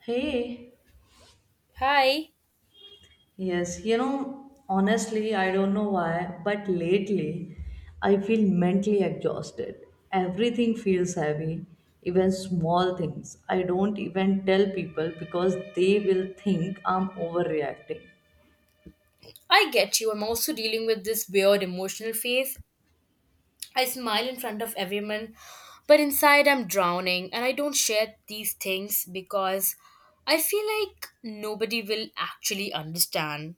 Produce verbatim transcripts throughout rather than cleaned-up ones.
Hey, Hi, yes, you know, honestly, I don't know why, but lately I feel mentally exhausted. Everything feels heavy, even small things. I don't even tell people because they will think I'm overreacting. I get you. I'm also dealing with this weird emotional phase. I smile in front of everyone, but inside I'm drowning, and I don't share these things because I feel like nobody will actually understand.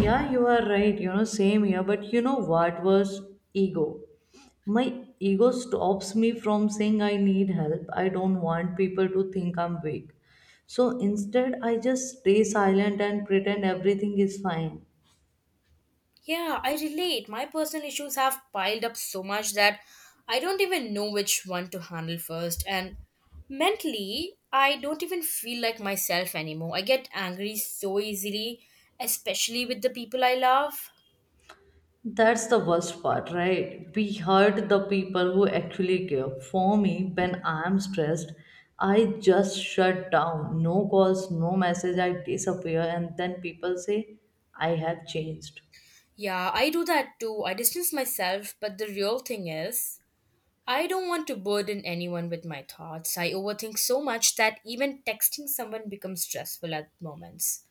Yeah, you are right. You know, same here. But you know what was ego? My ego stops me from saying I need help. I don't want people to think I'm weak. So instead, I just stay silent and pretend everything is fine. Yeah, I relate. My personal issues have piled up so much that I don't even know which one to handle first, and mentally, I don't even feel like myself anymore. I get angry so easily, especially with the people I love. That's the worst part, right? We hurt the people who actually care. For me, when I'm stressed, I just shut down. No calls, no message. I disappear, and then people say, I have changed. Yeah, I do that too. I distance myself, but the real thing is, I don't want to burden anyone with my thoughts. I overthink so much that even texting someone becomes stressful at moments.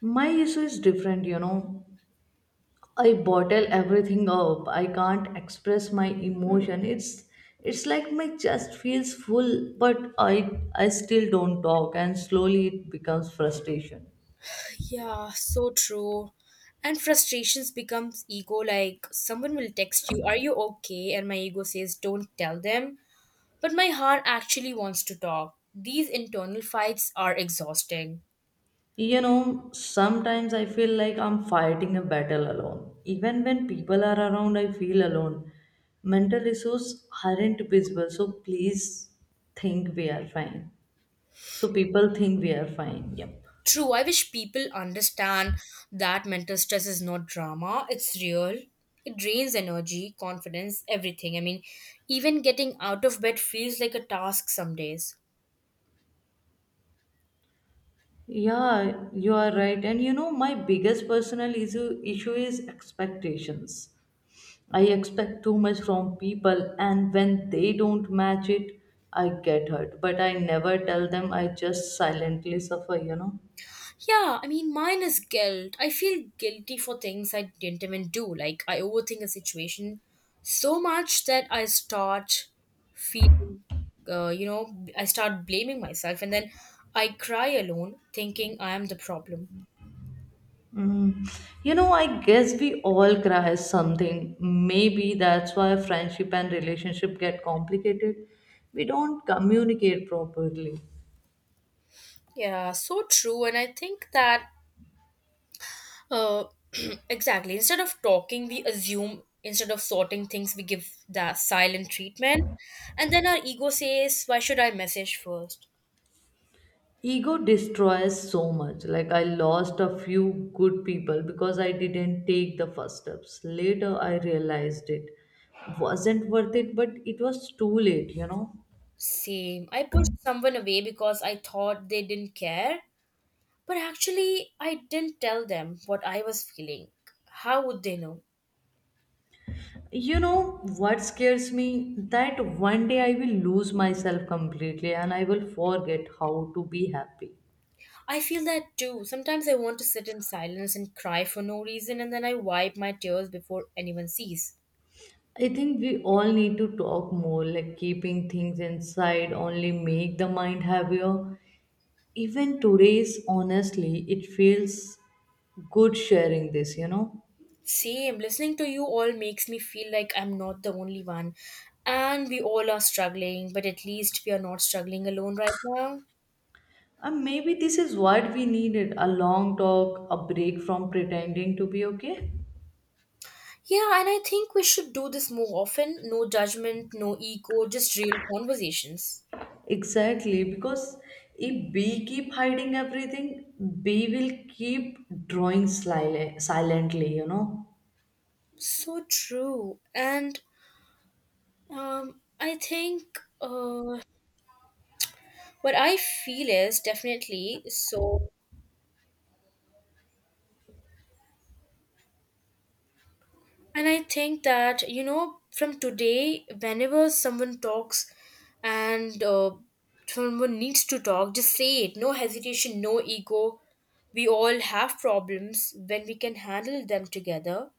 My issue is different, you know. I bottle everything up. I can't express my emotion. It's it's like my chest feels full, but I I still don't talk and slowly it becomes frustration. Yeah, so true. And frustrations becomes ego like someone will text you, "Are you okay?" and my ego says, "Don't tell them." But my heart actually wants to talk. These internal fights are exhausting. You know, sometimes I feel like I'm fighting a battle alone. Even when people are around, I feel alone. Mental issues aren't visible, so please think we are fine. So people think we are fine. Yep. True, I wish people understand that mental stress is not drama, it's real. It drains energy, confidence, everything. I mean, even getting out of bed feels like a task some days. Yeah, you are right. And you know, my biggest personal issue issue is expectations. I expect too much from people, and when they don't match it, I get hurt. But I never tell them, I just silently suffer, you know. Yeah, I mean, mine is guilt. I feel guilty for things I didn't even do. Like, I overthink a situation so much that I start feeling, uh, you know, I start blaming myself, and then I cry alone, thinking I am the problem. Mm. You know, I guess we all cry something. Maybe that's why friendship and relationship get complicated. We don't communicate properly. Yeah, so true. And I think that Uh, exactly. Instead of talking, we assume. Instead of sorting things, we give the silent treatment. And then our ego says, "Why should I message first?" Ego destroys so much. Like, I lost a few good people because I didn't take the first steps. Later, I realized it wasn't worth it, but it was too late, you know. Same. I pushed someone away because I thought they didn't care. But actually, I didn't tell them what I was feeling. How would they know? You know what scares me? That one day I will lose myself completely and I will forget how to be happy. I feel that too. Sometimes I want to sit in silence and cry for no reason, and then I wipe my tears before anyone sees. I think we all need to talk more, like keeping things inside only make the mind heavier. Even today's honestly it feels good sharing this, you know. Same. Listening to you all makes me feel like I'm not the only one. And we all are struggling, but at least we are not struggling alone right now. And maybe this is what we needed, a long talk, a break from pretending to be okay. Yeah, and I think we should do this more often. No judgment, no ego, just real conversations. Exactly, because if we keep hiding everything, we will keep drawing slyly, silently, you know. So true. And um, I think uh, What I feel is definitely so. And I think that, you know, from today, whenever someone talks and uh, someone needs to talk, just say it. No hesitation, no ego. We all have problems when we can handle them together.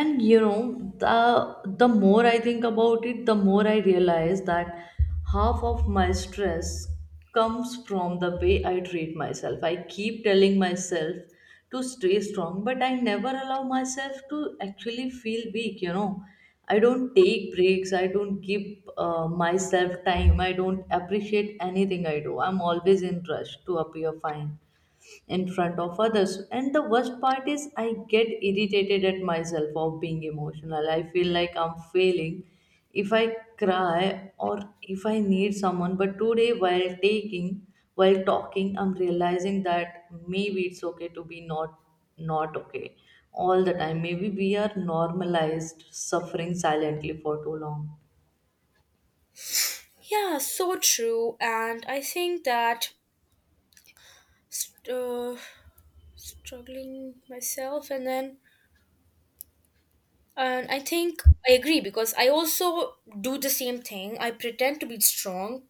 And you know, the the more I think about it, the more I realize that half of my stress comes from the way I treat myself. I keep telling myself to stay strong, but I never allow myself to actually feel weak, you know. I don't take breaks. I don't give uh, myself time. I don't appreciate anything I do. I'm always in rush to appear fine in front of others. And the worst part is I get irritated at myself of being emotional. I feel like I'm failing if I cry or if I need someone. But today, while taking, while talking, I'm realizing that maybe it's okay to be not, not okay all the time. Maybe we are normalized suffering silently for too long. Yeah, so true. And I think that st- uh, struggling myself and then And I think I agree, because I also do the same thing. I pretend to be strong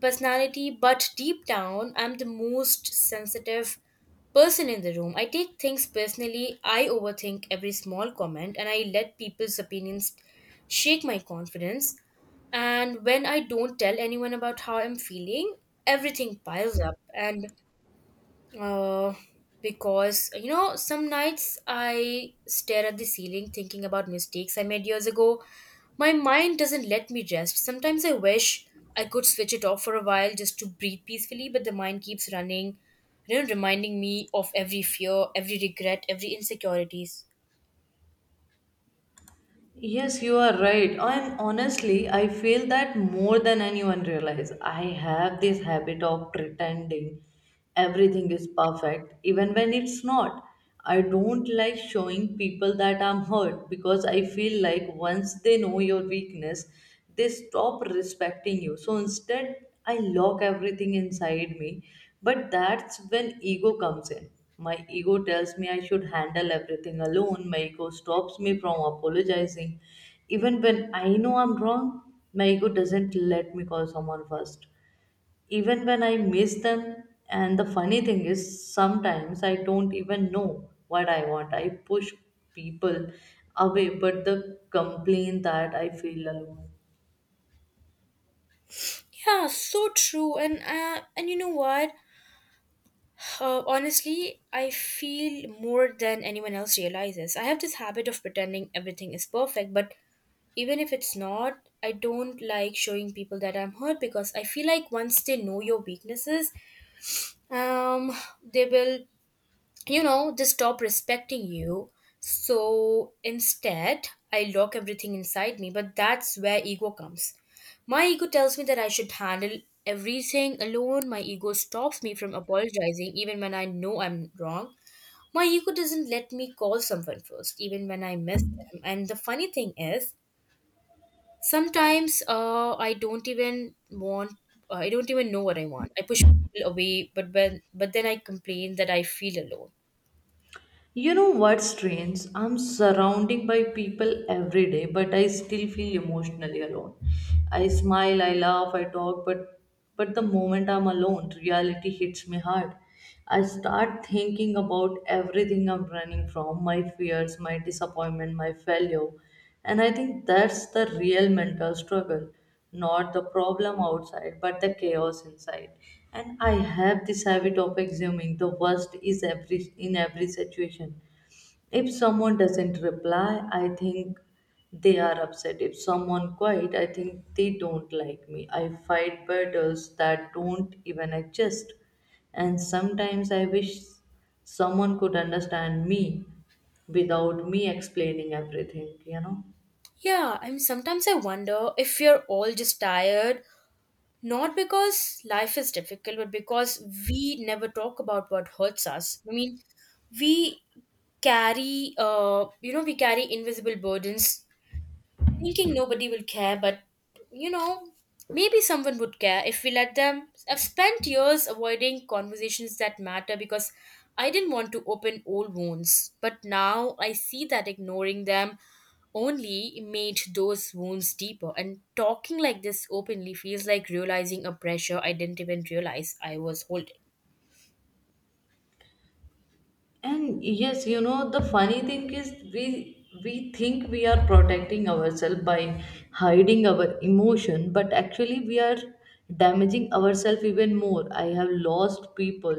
personality, but deep down, I'm the most sensitive person in the room. I take things personally. I overthink every small comment, and I let people's opinions shake my confidence. And when I don't tell anyone about how I'm feeling, everything piles up. And uh, because you know, some nights I stare at the ceiling thinking about mistakes I made years ago. My mind doesn't let me rest. Sometimes I wish I could switch it off for a while just to breathe peacefully, but the mind keeps running, you know, reminding me of every fear, every regret, every insecurities. Yes, you are right. And honestly, I feel that more than anyone realize. I have this habit of pretending everything is perfect, even when it's not. I don't like showing people that I'm hurt because I feel like once they know your weakness, they stop respecting you. So instead, I lock everything inside me. But that's when ego comes in. My ego tells me I should handle everything alone. My ego stops me from apologizing. Even when I know I'm wrong, my ego doesn't let me call someone first. Even when I miss them, and the funny thing is, sometimes I don't even know what I want. I push people away, but the complaint that I feel alone. Yeah, so true. And uh, and you know what? Uh, honestly, I feel more than anyone else realizes. I have this habit of pretending everything is perfect, but even if it's not. I don't like showing people that I'm hurt because I feel like once they know your weaknesses um they will, you know, just stop respecting you. So instead, I lock everything inside me, but that's where ego comes. My ego tells me that I should handle everything alone. My ego stops me from apologizing even when I know I'm wrong. My ego doesn't let me call someone first even when I miss them. And the funny thing is, Sometimes uh, I don't even want. Uh, I don't even know what I want. I push people away, but when but then I complain that I feel alone. You know what's strange? I'm surrounded by people every day, but I still feel emotionally alone. I smile, I laugh, I talk, but but the moment I'm alone, reality hits me hard. I start thinking about everything I'm running from, my fears, my disappointment, my failure. And I think that's the real mental struggle, not the problem outside but the chaos inside. And I have this habit of assuming the worst is every, in every situation. If someone doesn't reply, I think they are upset. If someone quiet, I think they don't like me. I fight battles that don't even exist. And sometimes I wish someone could understand me without me explaining everything, you know. Yeah, I mean sometimes I wonder if we are all just tired, not because life is difficult, but because we never talk about what hurts us. I mean, we carry uh you know we carry invisible burdens thinking nobody will care, but you know, maybe someone would care if we let them. I've spent years avoiding conversations that matter because I didn't want to open old wounds, but now I see that ignoring them only made those wounds deeper. And talking like this openly feels like realizing a pressure I didn't even realize I was holding. And yes, you know, the funny thing is we we think we are protecting ourselves by hiding our emotion, but actually we are damaging ourselves even more. I have lost people.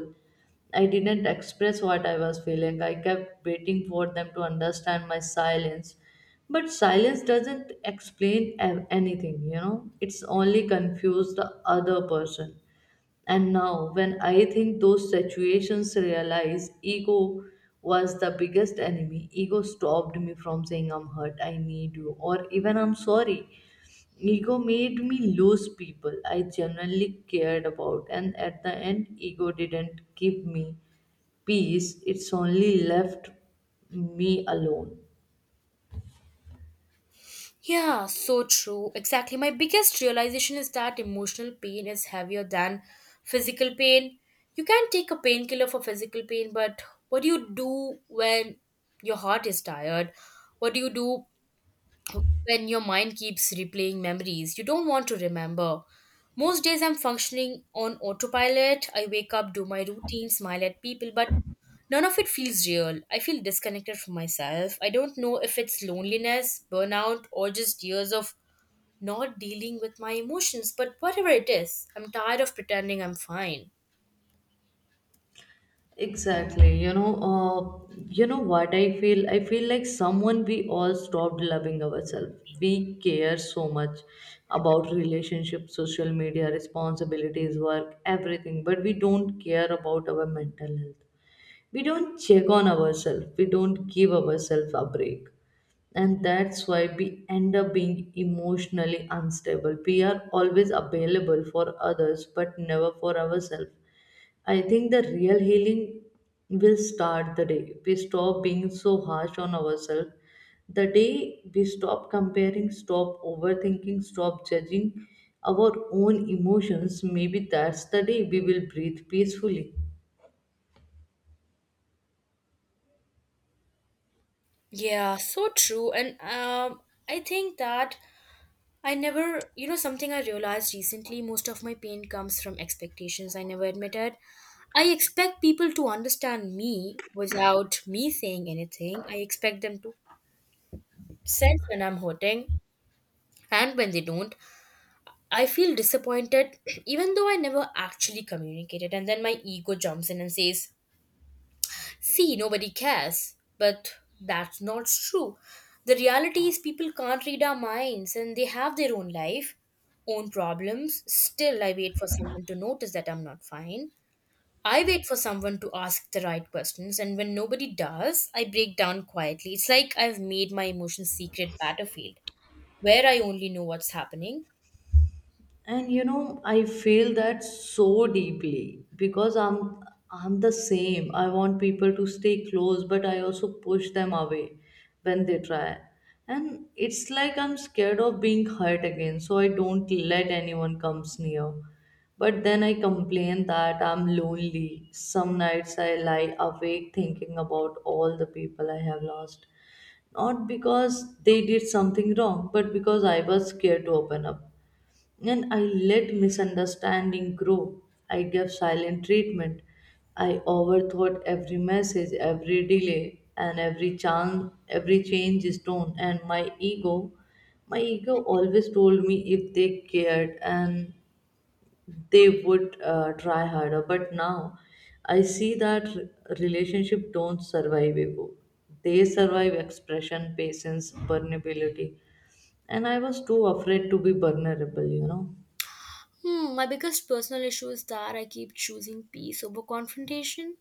I didn't express what I was feeling. I kept waiting for them to understand my silence, but silence doesn't explain a- anything, you know. It's only confuse the other person. And now, when I think those situations realize ego was the biggest enemy. Ego stopped me from saying I'm hurt, I need you, or even I'm sorry. Ego made me lose people I genuinely cared about, and at the end, ego didn't give me peace, it's only left me alone. Yeah, so true. Exactly. My biggest realization is that emotional pain is heavier than physical pain. You can take a painkiller for physical pain, but what do you do when your heart is tired? What do you do when your mind keeps replaying memories you don't want to remember? Most days I'm functioning on autopilot. I wake up, do my routine, smile at people, but none of it feels real. I feel disconnected from myself. I don't know if it's loneliness, burnout, or just years of not dealing with my emotions, but whatever it is, I'm tired of pretending I'm fine. Exactly. You know, uh, you know what I feel? I feel like someone we all stopped loving ourselves. We care so much about relationships, social media, responsibilities, work, everything, but we don't care about our mental health. We don't check on ourselves. We don't give ourselves a break. And that's why we end up being emotionally unstable. We are always available for others, but never for ourselves. I think the real healing will start the day we stop being so harsh on ourselves. The day we stop comparing, stop overthinking, stop judging our own emotions, maybe that's the day we will breathe peacefully. Yeah, so true. And um, I think that I never, You know, something I realized recently: most of my pain comes from expectations I never admitted. I expect people to understand me without me saying anything. I expect them to sense when I'm hurting, and when they don't, I feel disappointed, even though I never actually communicated. And then my ego jumps in and says, "See, nobody cares." But that's not true. The reality is, people can't read our minds, and they have their own life, own problems. Still, I wait for someone to notice that I'm not fine. I wait for someone to ask the right questions, and when nobody does, I break down quietly. It's like I've made my emotions secret battlefield where I only know what's happening. And you know, I feel that so deeply because i'm i'm the same. I want people to stay close, but I also push them away when they try. And it's like I'm scared of being hurt again, so I don't let anyone comes near. But then I complain that I'm lonely. Some nights I lie awake thinking about all the people I have lost, not because they did something wrong, but because I was scared to open up and I let misunderstanding grow. I gave silent treatment. I overthought every message, every delay, and every chance, every change is done. And my ego, my ego always told me if they cared and they would uh, try harder. But now, I see that re- relationship don't survive ego. They survive expression, patience, vulnerability. And I was too afraid to be vulnerable, you know. Hmm, my biggest personal issue is that I keep choosing peace over confrontation.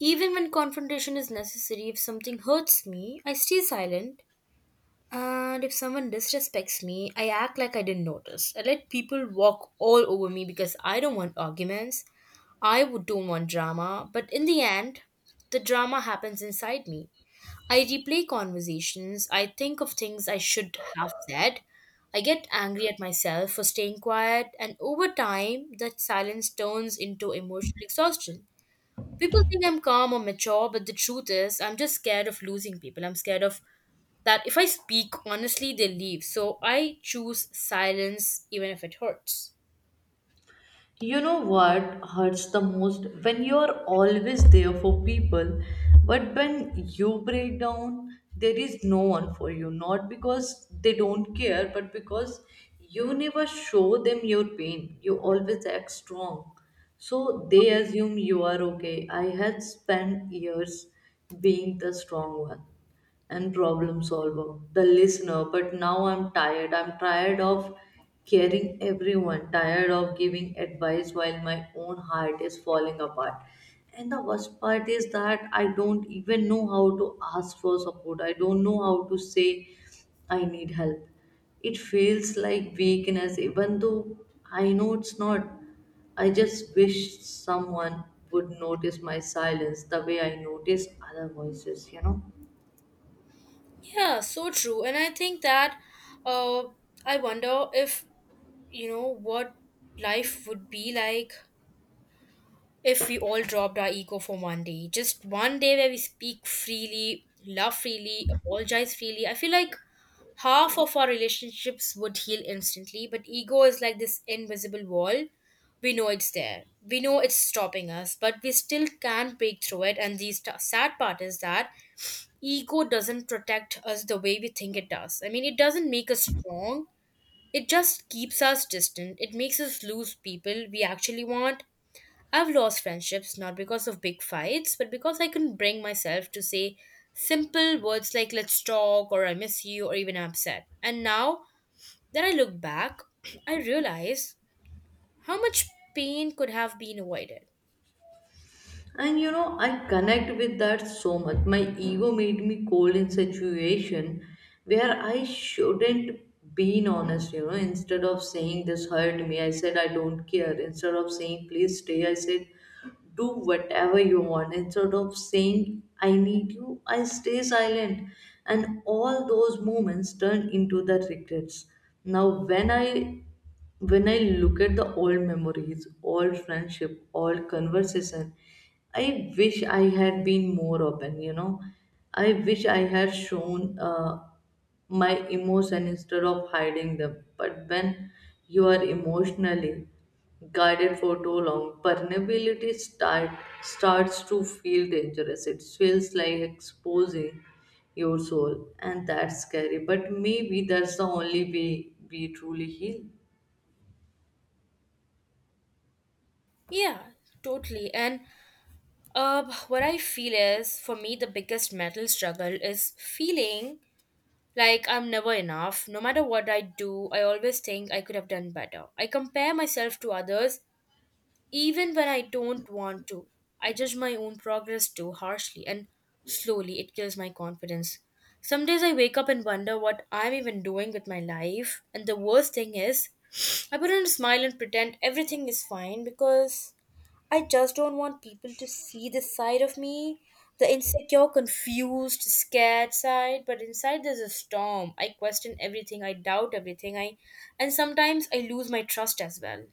Even when confrontation is necessary, if something hurts me, I stay silent. And if someone disrespects me, I act like I didn't notice. I let people walk all over me because I don't want arguments. I would don't want drama. But in the end, the drama happens inside me. I replay conversations. I think of things I should have said. I get angry at myself for staying quiet. And over time, that silence turns into emotional exhaustion. People think I'm calm or mature, but the truth is, I'm just scared of losing people. I'm scared of that if I speak honestly, they leave. So I choose silence, even if it hurts. You know what hurts the most? When you are always there for people, but when you break down, there is no one for you. Not because they don't care, but because you never show them your pain. You always act strong. So they assume you are okay. I had spent years being the strong one and problem solver, the listener. But now I'm tired. I'm tired of caring everyone, tired of giving advice while my own heart is falling apart. And the worst part is that I don't even know how to ask for support. I don't know how to say I need help. It feels like weakness, even though I know it's not. I just wish someone would notice my silence the way I notice other voices, you know? Yeah, so true. And I think that uh, I wonder if, you know, what life would be like if we all dropped our ego for one day. Just one day where we speak freely, love freely, apologize freely. I feel like half of our relationships would heal instantly, but ego is like this invisible wall. We know it's there. We know it's stopping us, but we still can't break through it. And the st- sad part is that ego doesn't protect us the way we think it does. I mean, it doesn't make us strong, it just keeps us distant. It makes us lose people we actually want. I've lost friendships not because of big fights, but because I couldn't bring myself to say simple words like "let's talk" or "I miss you" or even "I'm upset." And now that I look back, I realize how much pain could have been avoided. And you know, I connect with that so much. My ego made me cold in situation where I shouldn't been honest, you know. Instead of saying this hurt me, I said I don't care. Instead of saying please stay, I said do whatever you want. Instead of saying I need you, I stay silent. And all those moments turn into the regrets. Now when I, when I look at the old memories, old friendship, old conversation, I wish I had been more open, you know. I wish I had shown uh, my emotion instead of hiding them. But when you are emotionally guided for too long, vulnerability start, starts to feel dangerous. It feels like exposing your soul, and that's scary. But maybe that's the only way we truly heal. Yeah, totally. And uh, What I feel is, for me, the biggest mental struggle is feeling like I'm never enough. No matter what I do, I always think I could have done better. I compare myself to others even when I don't want to. I judge my own progress too harshly, and slowly it kills my confidence. Some days I wake up and wonder what I'm even doing with my life, and the worst thing is, I put on a smile and pretend everything is fine because I just don't want people to see this side of me, the insecure, confused, scared side, but inside there's a storm. I question everything, I doubt everything, I and sometimes I lose my trust as well.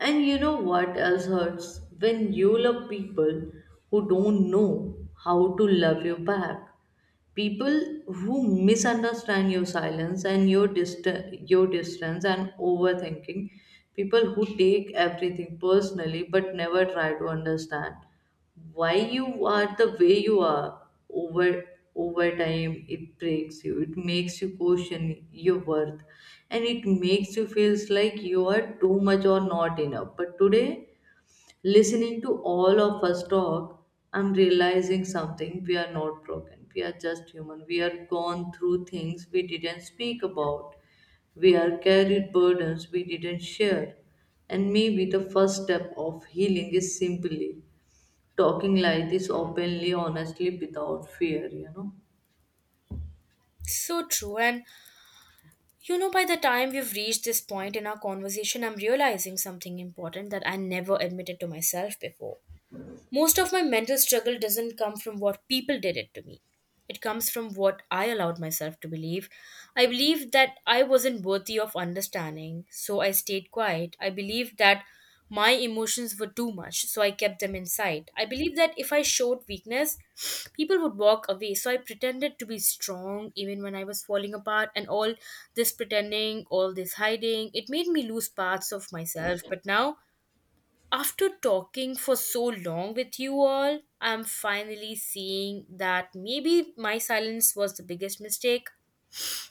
And you know what else hurts? When you love people who don't know how to love you back, people who misunderstand your silence and your dist- your distance and overthinking, people who take everything personally but never try to understand why you are the way you are. Over over time it breaks you. It makes you question your worth, and it makes you feels like you are too much or not enough. But today, listening to all of us talk, I'm realizing something. We are not broken. We are just human. We are gone through things we didn't speak about. We are carried burdens we didn't share. And maybe the first step of healing is simply talking like this openly, honestly, without fear, you know. So true. And you know, by the time we've reached this point in our conversation, I'm realizing something important that I never admitted to myself before. Most of my mental struggle doesn't come from what people did it to me. It comes from what I allowed myself to believe. I believed that I wasn't worthy of understanding, so I stayed quiet. I believed that my emotions were too much, so I kept them inside. I believed that if I showed weakness, people would walk away, so I pretended to be strong even when I was falling apart. And all this pretending, all this hiding, it made me lose parts of myself. But now after talking for so long with you all, I'm finally seeing that maybe my silence was the biggest mistake.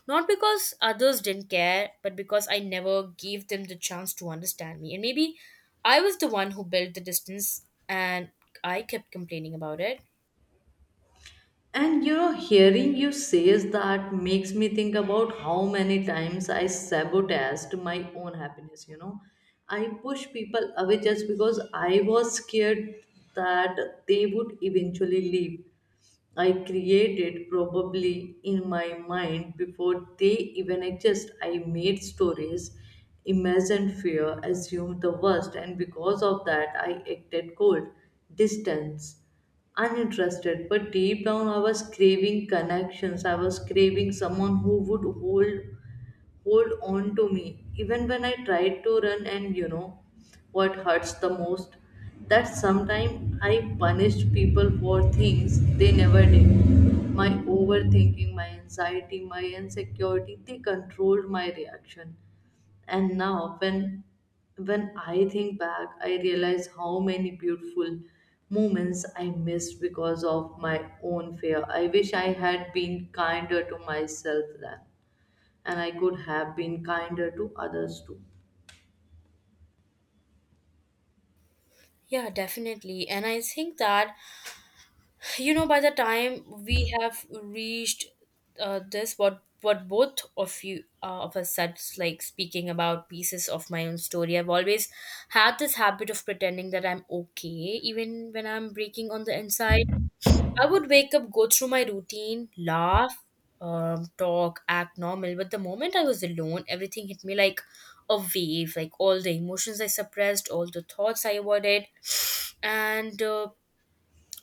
Not because others didn't care, but because I never gave them the chance to understand me. And maybe I was the one who built the distance and I kept complaining about it. And you know, hearing you says that makes me think about how many times I sabotaged my own happiness. You know, I pushed people away just because I was scared that they would eventually leave. I created probably in my mind before they even exist. I made stories, imagined fear, assumed the worst, and because of that, I acted cold, distance, uninterested. But deep down, I was craving connections. I was craving someone who would hold hold on to me even when I tried to run. And you know what hurts the most? That sometimes I punished people for things they never did. My overthinking, my anxiety, my insecurity, they controlled my reaction. And now when when I think back, I realize how many beautiful moments I missed because of my own fear. I wish I had been kinder to myself then, and I could have been kinder to others too. Yeah, definitely. And I think that you know by the time we have reached uh, this what what both of you uh, of us said, like speaking about pieces of my own story, I've always had this habit of pretending that I'm okay even when I'm breaking on the inside. I would wake up, go through my routine, laugh, um, talk, act normal, but the moment I was alone, everything hit me like a wave, like all the emotions I suppressed, all the thoughts I avoided, and uh,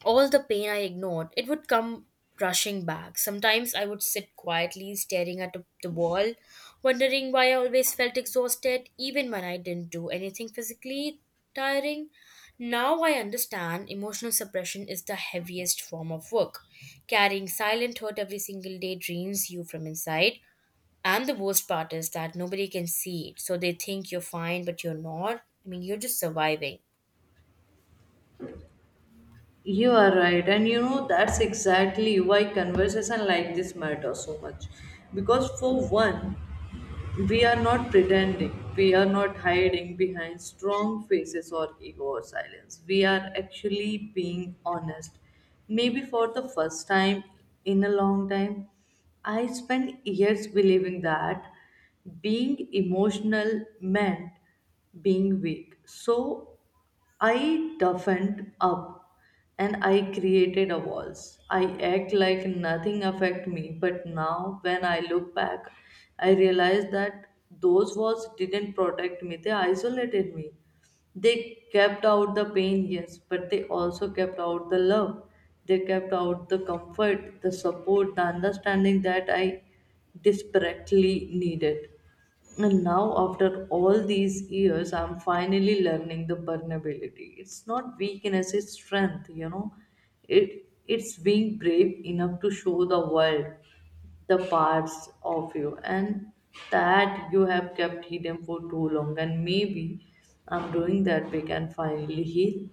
all the pain I ignored, it would come rushing back. Sometimes I would sit quietly staring at the wall, wondering why I always felt exhausted, even when I didn't do anything physically tiring. Now I understand, emotional suppression is the heaviest form of work. Carrying silent hurt every single day drains you from inside. And the worst part is that nobody can see it. So they think you're fine, but you're not. I mean, you're just surviving. You are right, and you know that's exactly why conversation like this matter so much. Because for one, we are not pretending, we are not hiding behind strong faces or ego or silence. We are actually being honest. Maybe for the first time in a long time, I spent years believing that being emotional meant being weak. So I toughened up and I created a walls. I act like nothing affect me, but now when I look back, I realize that those walls didn't protect me, they isolated me. They kept out the pain, yes, but they also kept out the love. They kept out the comfort, the support, the understanding that I desperately needed. And now, after all these years, I'm finally learning the vulnerability. It's not weakness, it's strength, you know. It it's being brave enough to show the world the parts of you and that you have kept hidden for too long, and maybe I'm doing that we can finally heal.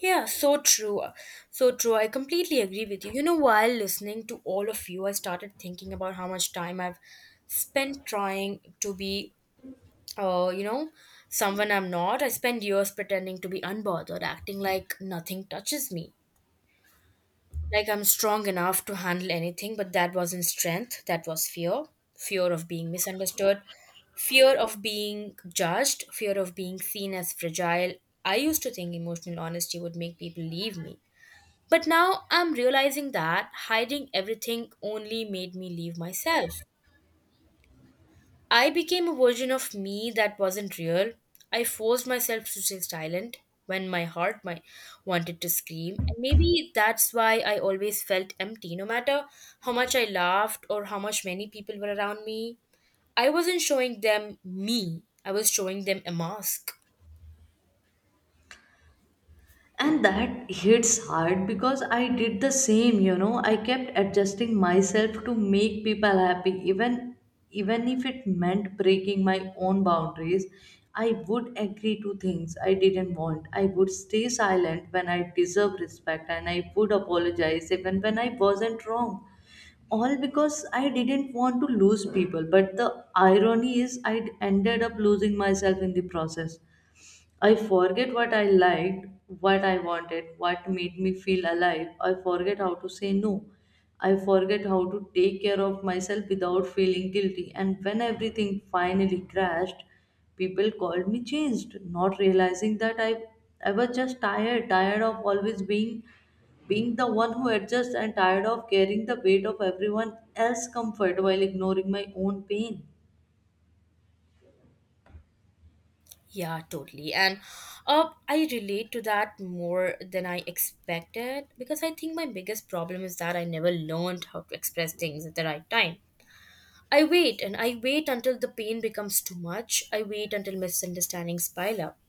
Yeah, so true. uh, So true. I completely agree with you. You know, while listening to all of you, I started thinking about how much time I've spent trying to be, uh, you know, someone I'm not. I spent years pretending to be unbothered, acting like nothing touches me. Like I'm strong enough to handle anything, but that wasn't strength, that was fear. Fear of being misunderstood, fear of being judged, fear of being seen as fragile. I used to think emotional honesty would make people leave me, but now I'm realizing that hiding everything only made me leave myself. I became a version of me that wasn't real. I forced myself to stay silent when my heart, my, wanted to scream. And maybe that's why I always felt empty, no matter how much I laughed or how much many people were around me. I wasn't showing them me, I was showing them a mask. And that hits hard because I did the same, you know. I kept adjusting myself to make people happy, even even if it meant breaking my own boundaries. I would agree to things I didn't want, I would stay silent when I deserve respect, and I would apologize even when I wasn't wrong, all because I didn't want to lose people. But the irony is, I ended up losing myself in the process. I forget what I liked, what I wanted, what made me feel alive. I forget how to say no. I forget how to take care of myself without feeling guilty. And when everything finally crashed, people called me changed, not realizing that I, I was just tired, tired of always being being the one who adjusts, and tired of carrying the weight of everyone else's comfort while ignoring my own pain. Yeah, totally. And uh, I relate to that more than I expected, because I think my biggest problem is that I never learned how to express things at the right time. I wait and I wait until the pain becomes too much. I wait until misunderstandings pile up.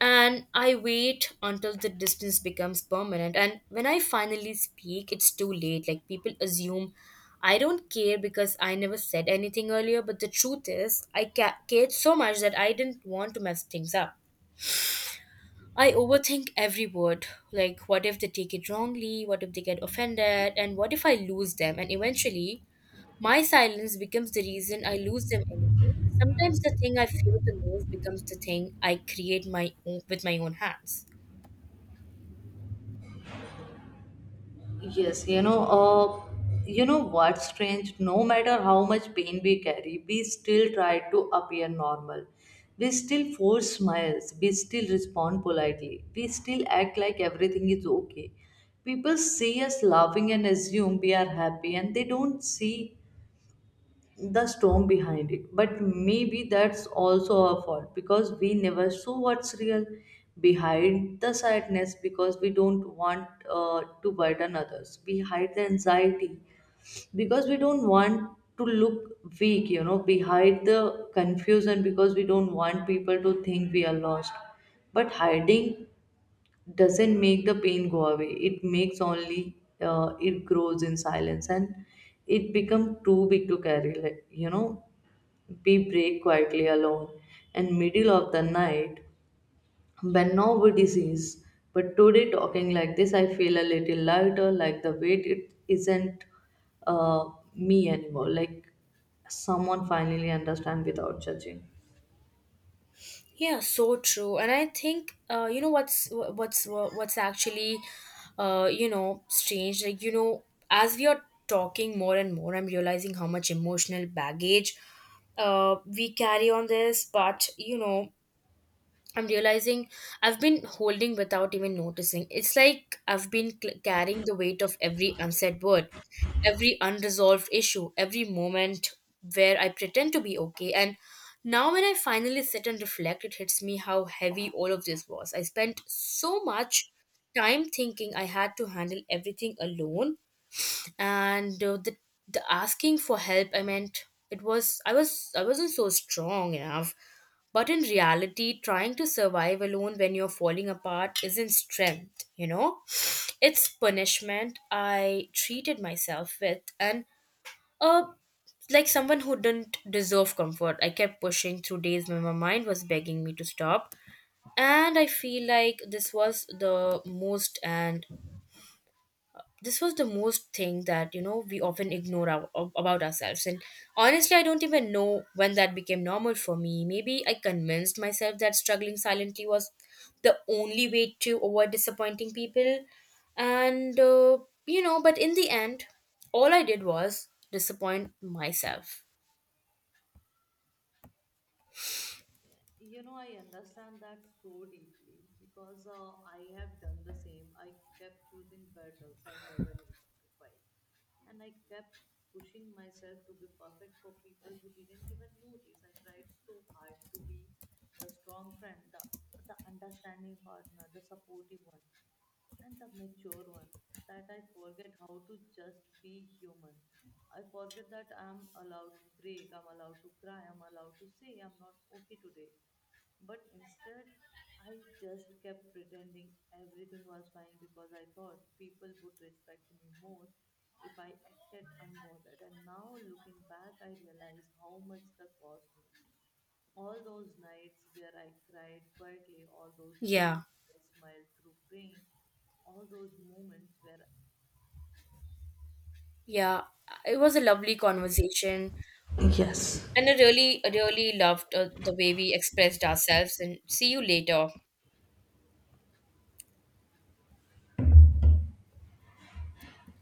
And I wait until the distance becomes permanent. And when I finally speak, it's too late. Like, people assume I don't care because I never said anything earlier. But the truth is, I ca- cared so much that I didn't want to mess things up. I overthink every word. Like, what if they take it wrongly? What if they get offended? And what if I lose them? And eventually, my silence becomes the reason I lose them anyway. Sometimes the thing I fear the most becomes the thing I create my own, with my own hands. Yes, you know, uh, you know what's strange? No matter how much pain we carry, we still try to appear normal. We still force smiles. We still respond politely. We still act like everything is okay. People see us laughing and assume we are happy, and they don't see the storm behind it. But maybe that's also our fault because we never saw what's real behind the sadness, because we don't want uh, to burden others. We hide the anxiety because we don't want to look weak, you know, we hide the confusion because we don't want people to think we are lost. But hiding doesn't make the pain go away. It makes only uh, it grows in silence, and it become too big to carry. Like, you know, we pray quietly alone in middle of the night when nobody sees. But today, talking like this, I feel a little lighter, like the weight it isn't uh, me anymore. Like someone finally understand without judging. Yeah, so true. And I think uh, you know what's wha- what's wha- what's actually uh, you know, strange. Like, you know, as we are talking more and more, I'm realizing how much emotional baggage uh, we carry on this. But you know, I'm realizing I've been holding without even noticing. It's like I've been cl- carrying the weight of every unsaid word, every unresolved issue, every moment where I pretend to be okay. And now, when I finally sit and reflect, it hits me how heavy all of this was. I spent so much time thinking I had to handle everything alone, and uh, the, the asking for help, I meant, it was i was I wasn't so strong enough. But in reality, trying to survive alone when you're falling apart isn't strength, you know, it's punishment I treated myself with. And uh like someone who didn't deserve comfort, I kept pushing through days when my mind was begging me to stop. And I feel like this was the most and this was the most thing that, you know, we often ignore our, ab- about ourselves. And honestly, I don't even know when that became normal for me. Maybe I convinced myself that struggling silently was the only way to avoid disappointing people. And uh, you know, but in the end, all I did was disappoint myself. You know, I understand that so deeply because uh, I have done the same. I kept choosing battles I never needed to fight. And I kept pushing myself to be perfect for people who didn't even notice. I tried so hard to be the strong friend, the, the understanding partner, the supportive one, and the mature one, that I forget how to just be human. I forget that I'm allowed to break, I'm allowed to cry, I'm allowed to say I'm not okay today. But instead, I just kept pretending everything was fine because I thought people would respect me more if I acted unbothered. And now, looking back, I realize how much that cost me. All those nights where I cried quietly, all those days Yeah. I smiled through pain, all those moments where Yeah, it was a lovely conversation, and i really I really loved uh, the way we expressed ourselves. And see you later.